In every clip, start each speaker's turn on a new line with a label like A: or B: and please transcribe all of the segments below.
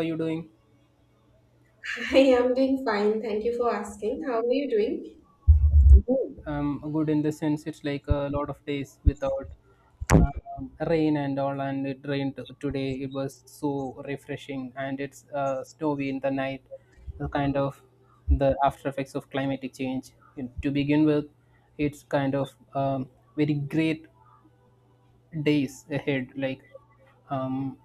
A: Are you doing?
B: I am doing fine. Thank you for asking. How are you doing?
A: Um, Good in the sense it's like a lot of days without rain and all, and it rained today. It was so refreshing, and it's snowy in the night. The kind of the after effects of climatic change. And to begin with, it's kind of very great days ahead, like um,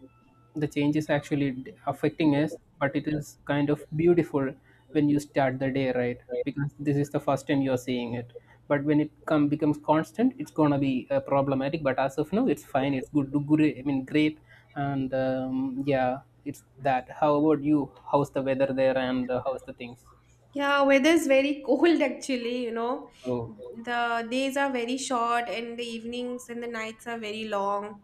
A: the change is actually affecting us, but it is kind of beautiful when you start the day right, because this is the first time you're seeing it. But when it come becomes constant, it's gonna be problematic, but as of now it's fine, it's good, I mean great. And yeah, it's that. How about you? How's the weather there, and how's the things?
B: Yeah, weather is very cold actually.
A: Oh.
B: The days are very short and the evenings and the nights are very long.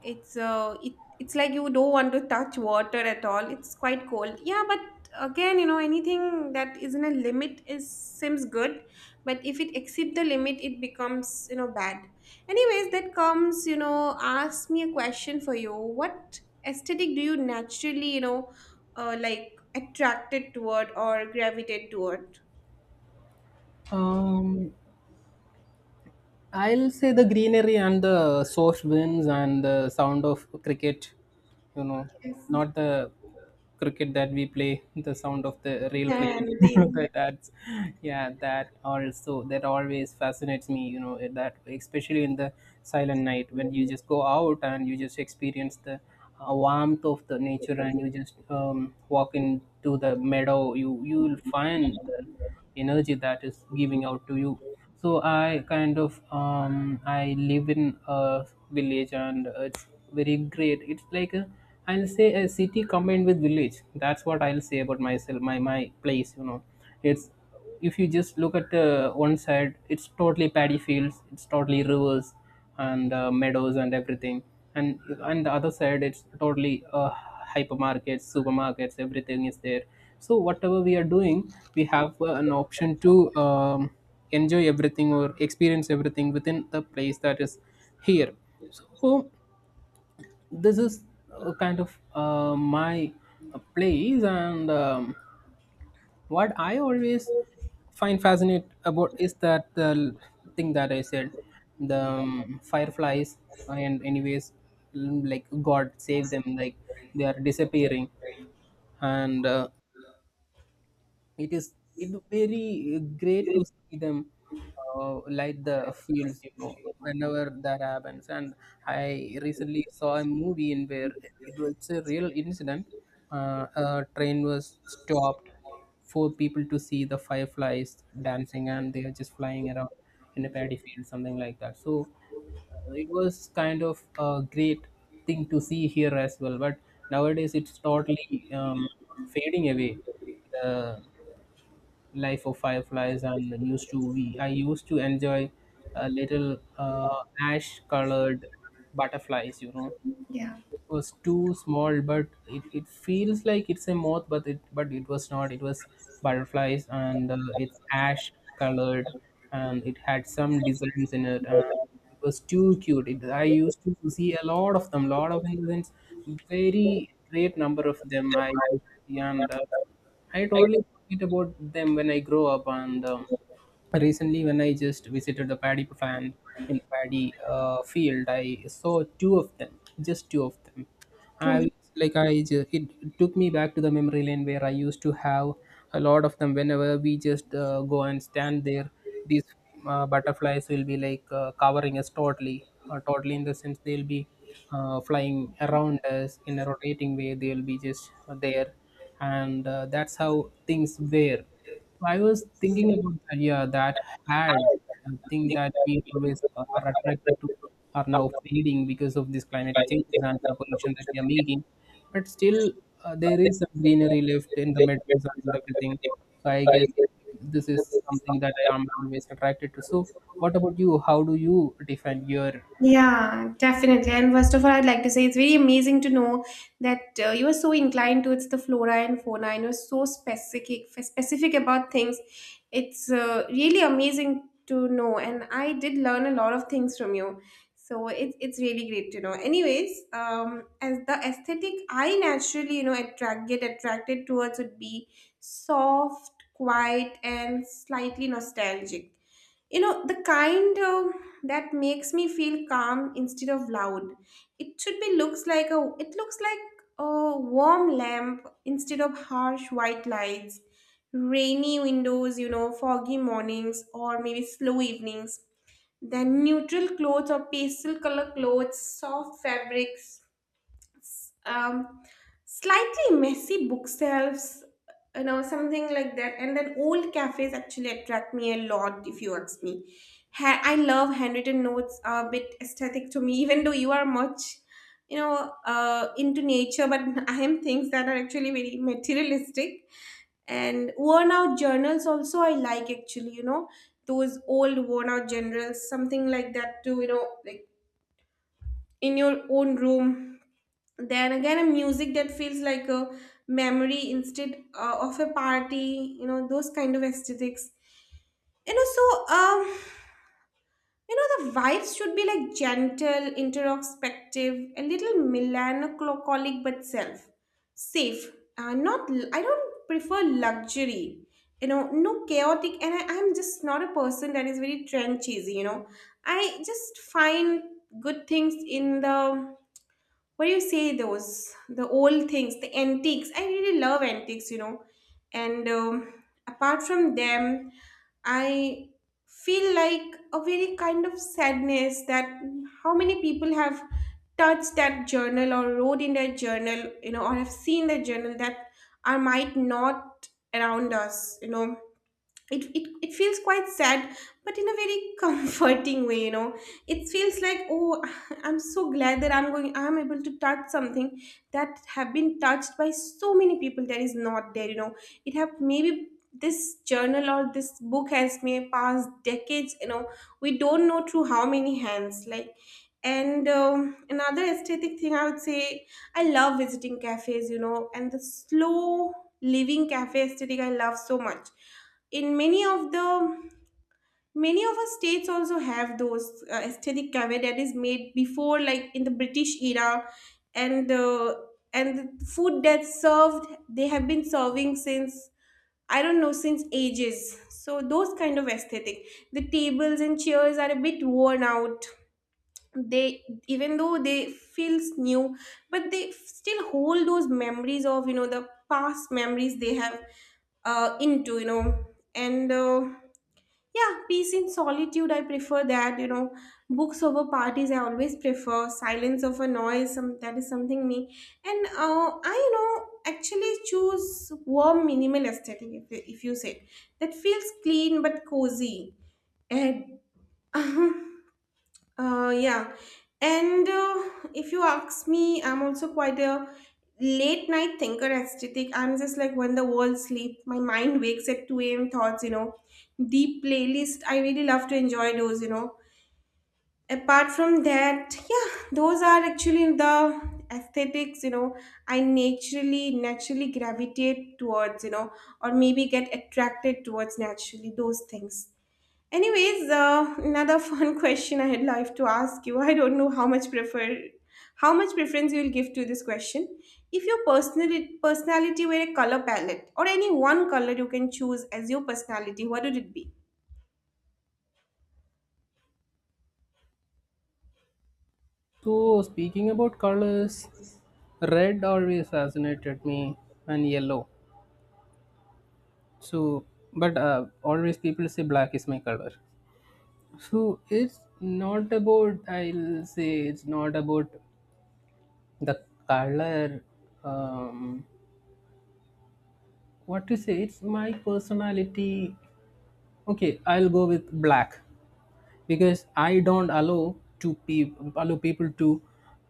B: It's uh, it, it's like you don't want to touch water at all. It's quite cold. Yeah, but again, anything that is in a limit is seems good, but if it exceeds the limit, it becomes bad. Anyways, that comes. Ask me a question for you. What aesthetic do you naturally, like, attracted toward or gravitate toward?
A: Um, I'll say the greenery and the soft winds and the sound of cricket, you know,
B: Yes,
A: not the cricket that we play, the sound of the real
B: and
A: cricket.
B: the
A: That
B: insect.
A: adds, yeah, that also, that always fascinates me, you know, that especially in the silent night when you just go out and you just experience the warmth of the nature, and you just walk into the meadow, you will find the energy that is giving out to you. So I kind of I live in a village, and it's very great. It's like a, I'll say, a city combined with village. That's what I'll say about myself, my place. You know, it's, if you just look at one side, it's totally paddy fields, it's totally rivers and meadows and everything. And on the other side, it's totally hypermarkets, supermarkets, everything is there. So whatever we are doing, we have an option to. Enjoy everything or experience everything within the place that is here. So this is kind of my place. And what I always find fascinating about is that the thing that I said, the fireflies. And anyways, like, god save them, like, they are disappearing. And it is, it very great to see them light the fields, you know, whenever that happens. And I recently saw a movie in where it was a real incident. Uh, a train was stopped for people to see the fireflies dancing, and they are just flying around in a paddy field, something like that. So it was kind of a great thing to see here as well, but nowadays it's totally fading away, the Life of Fireflies. And used to, we I used to enjoy little ash-colored butterflies, you know,
B: Yeah.
A: was too small, but it feels like it's a moth, but it was not, it was butterflies. And it's ash colored, and it had some designs in it, and it was too cute. I used to see a lot of them, lot of incidents, very great number of them I used to see. And I totally forget about them when I grow up. And recently, when I just visited the paddy plant, in the paddy field, I saw two of them, just two of them. I was like, it took me back to the memory lane where I used to have a lot of them. Whenever we just go and stand there, these butterflies will be like covering us totally. Uh, totally in the sense, they'll be flying around us in a rotating way, they'll be just there. And that's how things were. So, I was thinking about the idea that had, a thing that we always are attracted to are now fading because of these climatic changes and the pollution that we are making. But still, there is some greenery left in the metals and everything. So I guess this is something that I am always attracted to. So what about you? How do you define your?
B: Yeah, definitely. And first of all, I'd like to say it's very amazing to know that you are so inclined towards the flora and fauna, and you're so specific about things. It's really amazing to know, and I did learn a lot of things from you. So it's really great to know. Anyways, as the aesthetic I naturally, attract get attracted towards would be soft, quiet, and slightly nostalgic, the kind of that makes me feel calm instead of loud. It should be looks like a it looks like a warm lamp instead of harsh white lights, rainy windows, foggy mornings, or maybe slow evenings, then neutral clothes or pastel color clothes, soft fabrics, um, slightly messy bookshelves, something like that. And then old cafes actually attract me a lot, if you ask me. I love handwritten notes, are a bit aesthetic to me, even though you are much, into nature, but I am things that are actually very materialistic, and worn out journals also I like, actually, those old worn out journals, something like that too, like in your own room. Then again, a music that feels like a memory instead of a party, those kind of aesthetics. You know, so, the vibes should be like gentle, introspective, a little melancholic but self safe. Not, I don't prefer luxury. You know, no chaotic, and I'm just not a person that is very trend cheesy. You know, I just find good things in the, what do you say, those, the old things, the antiques. I really love antiques, and apart from them I feel like a very kind of sadness, that how many people have touched that journal or wrote in their journal, or have seen the journal that are might not around us, it, it feels quite sad, but in a very comforting way, it feels like, oh, I'm so glad that I'm able to touch something that have been touched by so many people that is not there, it have, maybe this journal or this book has may passed decades, we don't know through how many hands, like. And another aesthetic thing I would say, I love visiting cafes, and the slow living cafe aesthetic I love so much. In many of our states also have those aesthetic cafe that is made before, like in the British era, and the and the food that's served they have been serving since I don't know, since ages. So those kind of aesthetic. The tables and chairs are a bit worn out, they even though they feels new, but they still hold those memories of, the past memories they have into, and yeah, peace in solitude, I prefer that. Books over parties, I always prefer silence over noise. That is something me. And I, actually choose warm minimal aesthetic, if you say, that feels clean but cozy. And Yeah. And if you ask me, I'm also quite a late night thinker aesthetic. I'm just like when the world sleeps, my mind wakes at 2 a.m. thoughts. Deep playlist, I really love to enjoy those. Apart from that, yeah, those are actually the aesthetics, I naturally gravitate towards, or maybe get attracted towards naturally those things. Anyways, another fun question I had like to ask you. I don't know how much preference you will give to this question. If your personality were a color palette or any one color you can choose as your personality, what would it be?
A: So speaking about colors, red always fascinated me, and yellow. So, but always people say black is my color. So it's not about, I'll say, it's not about the color. Um, what to say, it's my personality. Okay, I'll go with black, because I don't allow to allow people to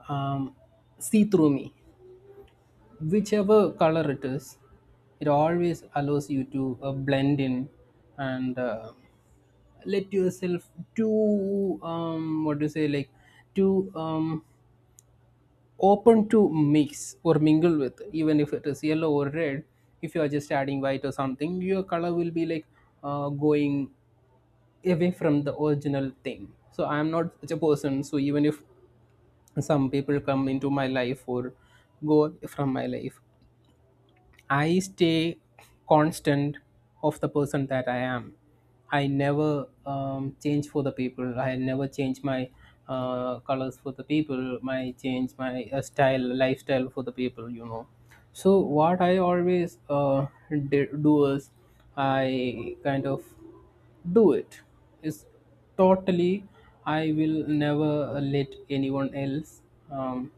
A: um, see through me. Whichever color it is, it always allows you to blend in and let yourself too, um, what do you say, like, too, um, open to mix or mingle with. Even if it is yellow or red, if you are just adding white or something, your color will be like going away from the original thing. So I am not such a person. So even if some people come into my life or go from my life, I stay constant of the person that I am. I never change for the people. I never change my colors for the people. My change my style, lifestyle for the people. You know. So what I always do is, I kind of do it. Is totally, I will never let anyone else. Um,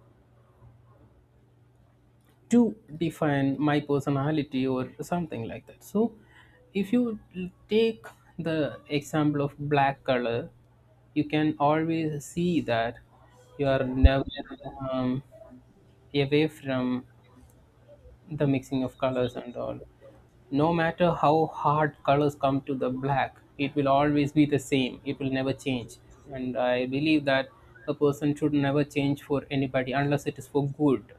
A: to define my personality or something like that. So if you take the example of black color, you can always see that you are never um, away from the mixing of colors and all. No matter how hard colors come to the black, it will always be the same, it will never change. And I believe that a person should never change for anybody unless it is for good.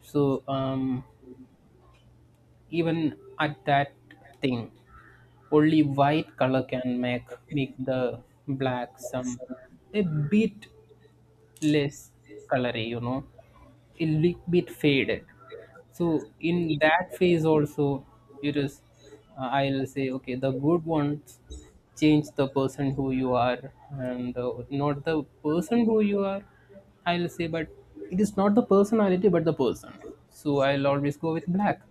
A: So even at that thing, only white color can make the black some, a bit less colory, you know, a little bit faded. So in that phase also, it is, I'll say, okay, the good ones change the person who you are, and not the person who you are, I'll say. But it is not the personality but the person. So I'll always go with black.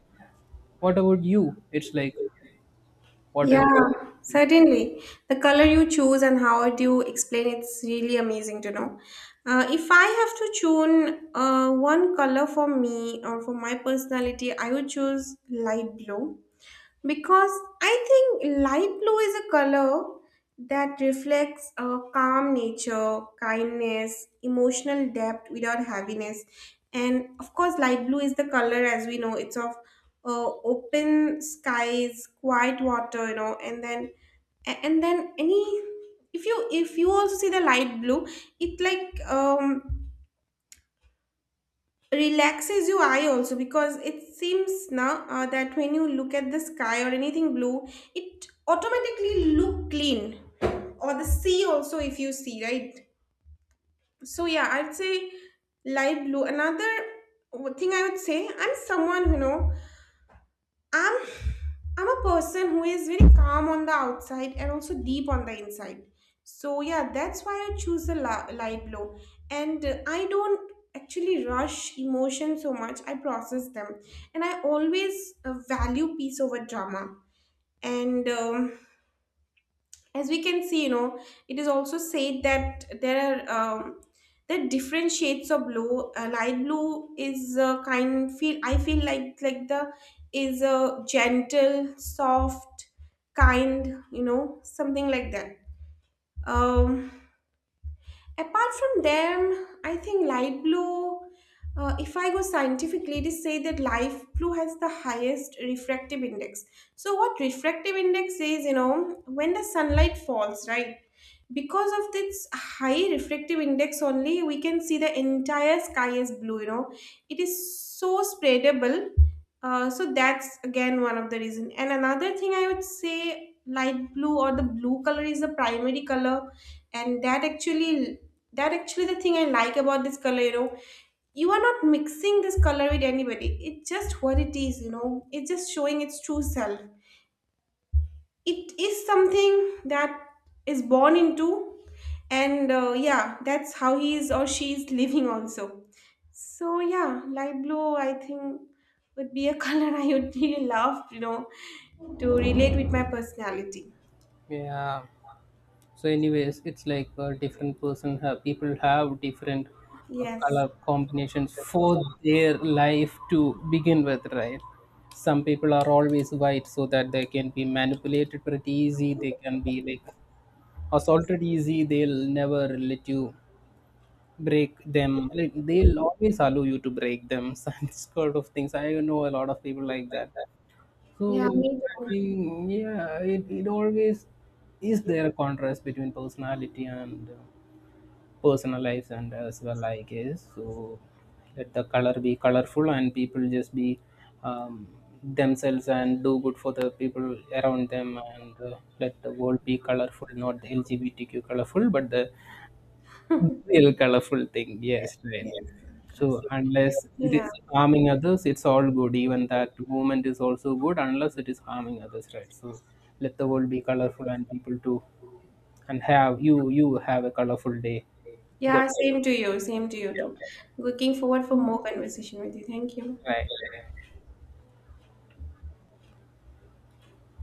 A: What about you? It's like, what else?
B: Yeah, certainly. The color you choose and how do you explain, it's really amazing to know. If I have to choose one color for me or for my personality, I would choose light blue, because I think light blue is a color that reflects a calm nature, kindness, emotional depth without heaviness. And of course, light blue is the color, as we know, it's of open skies, quiet water, and then and then any if you also see the light blue, it like relaxes your eye also, because it seems now that when you look at the sky or anything blue, it automatically look clean, or the sea also if you see, right? So yeah, I'd say light blue. Another thing I would say, I'm someone, I'm I'm a person who is very calm on the outside and also deep on the inside. So yeah, that's why I choose the light blue. And I don't actually rush emotions so much. I process them, and I always value peace over drama. And as we can see, it is also said that there are, um, there are different shades of blue. Light blue is kind feel I feel like the is a gentle, soft kind, something like that. um Apart from them, I think light blue, if I go scientifically, ladies say that light blue has the highest refractive index. So, what refractive index is, when the sunlight falls, right? Because of this high refractive index only, we can see the entire sky is blue. It is so spreadable. So that's again one of the reason. And another thing I would say, light blue or the blue color is the primary color, and that actually the thing I like about this color, you are not mixing this color with anybody, it's just what it is, it's just showing its true self. It is something that is born into. And yeah, that's how he is or she is living also. So yeah, light blue I think would be a color I would really love, to relate with my personality.
A: Yeah. So anyways, it's like a different person have, people have different
B: Yes.
A: color combinations for their life, to begin with, right? Some people are always white, so that they can be manipulated pretty easy, they can be like assaulted easy, they'll never let you break them, like, they'll always allow you to break them. Such sort of things, I know a lot of people like that. So
B: Yeah, me
A: I
B: too.
A: think, yeah, it always is there a contrast between personality and personal lives and as well, I guess. So let the color be colorful, and people just be um, themselves and do good for the people around them. And let the world be colorful, not the LGBTQ colorful, but the real colorful thing. Yes, right.
B: Yes. Yes.
A: So unless it
B: Yeah.
A: is harming others, it's all good. Even that movement is also good unless it is harming others, right? So let the world be colorful, and people too, and have you have a colorful day. Good,
B: Yeah. Same to you. Same to you too. Looking forward for more conversation with you. Thank you.
A: right?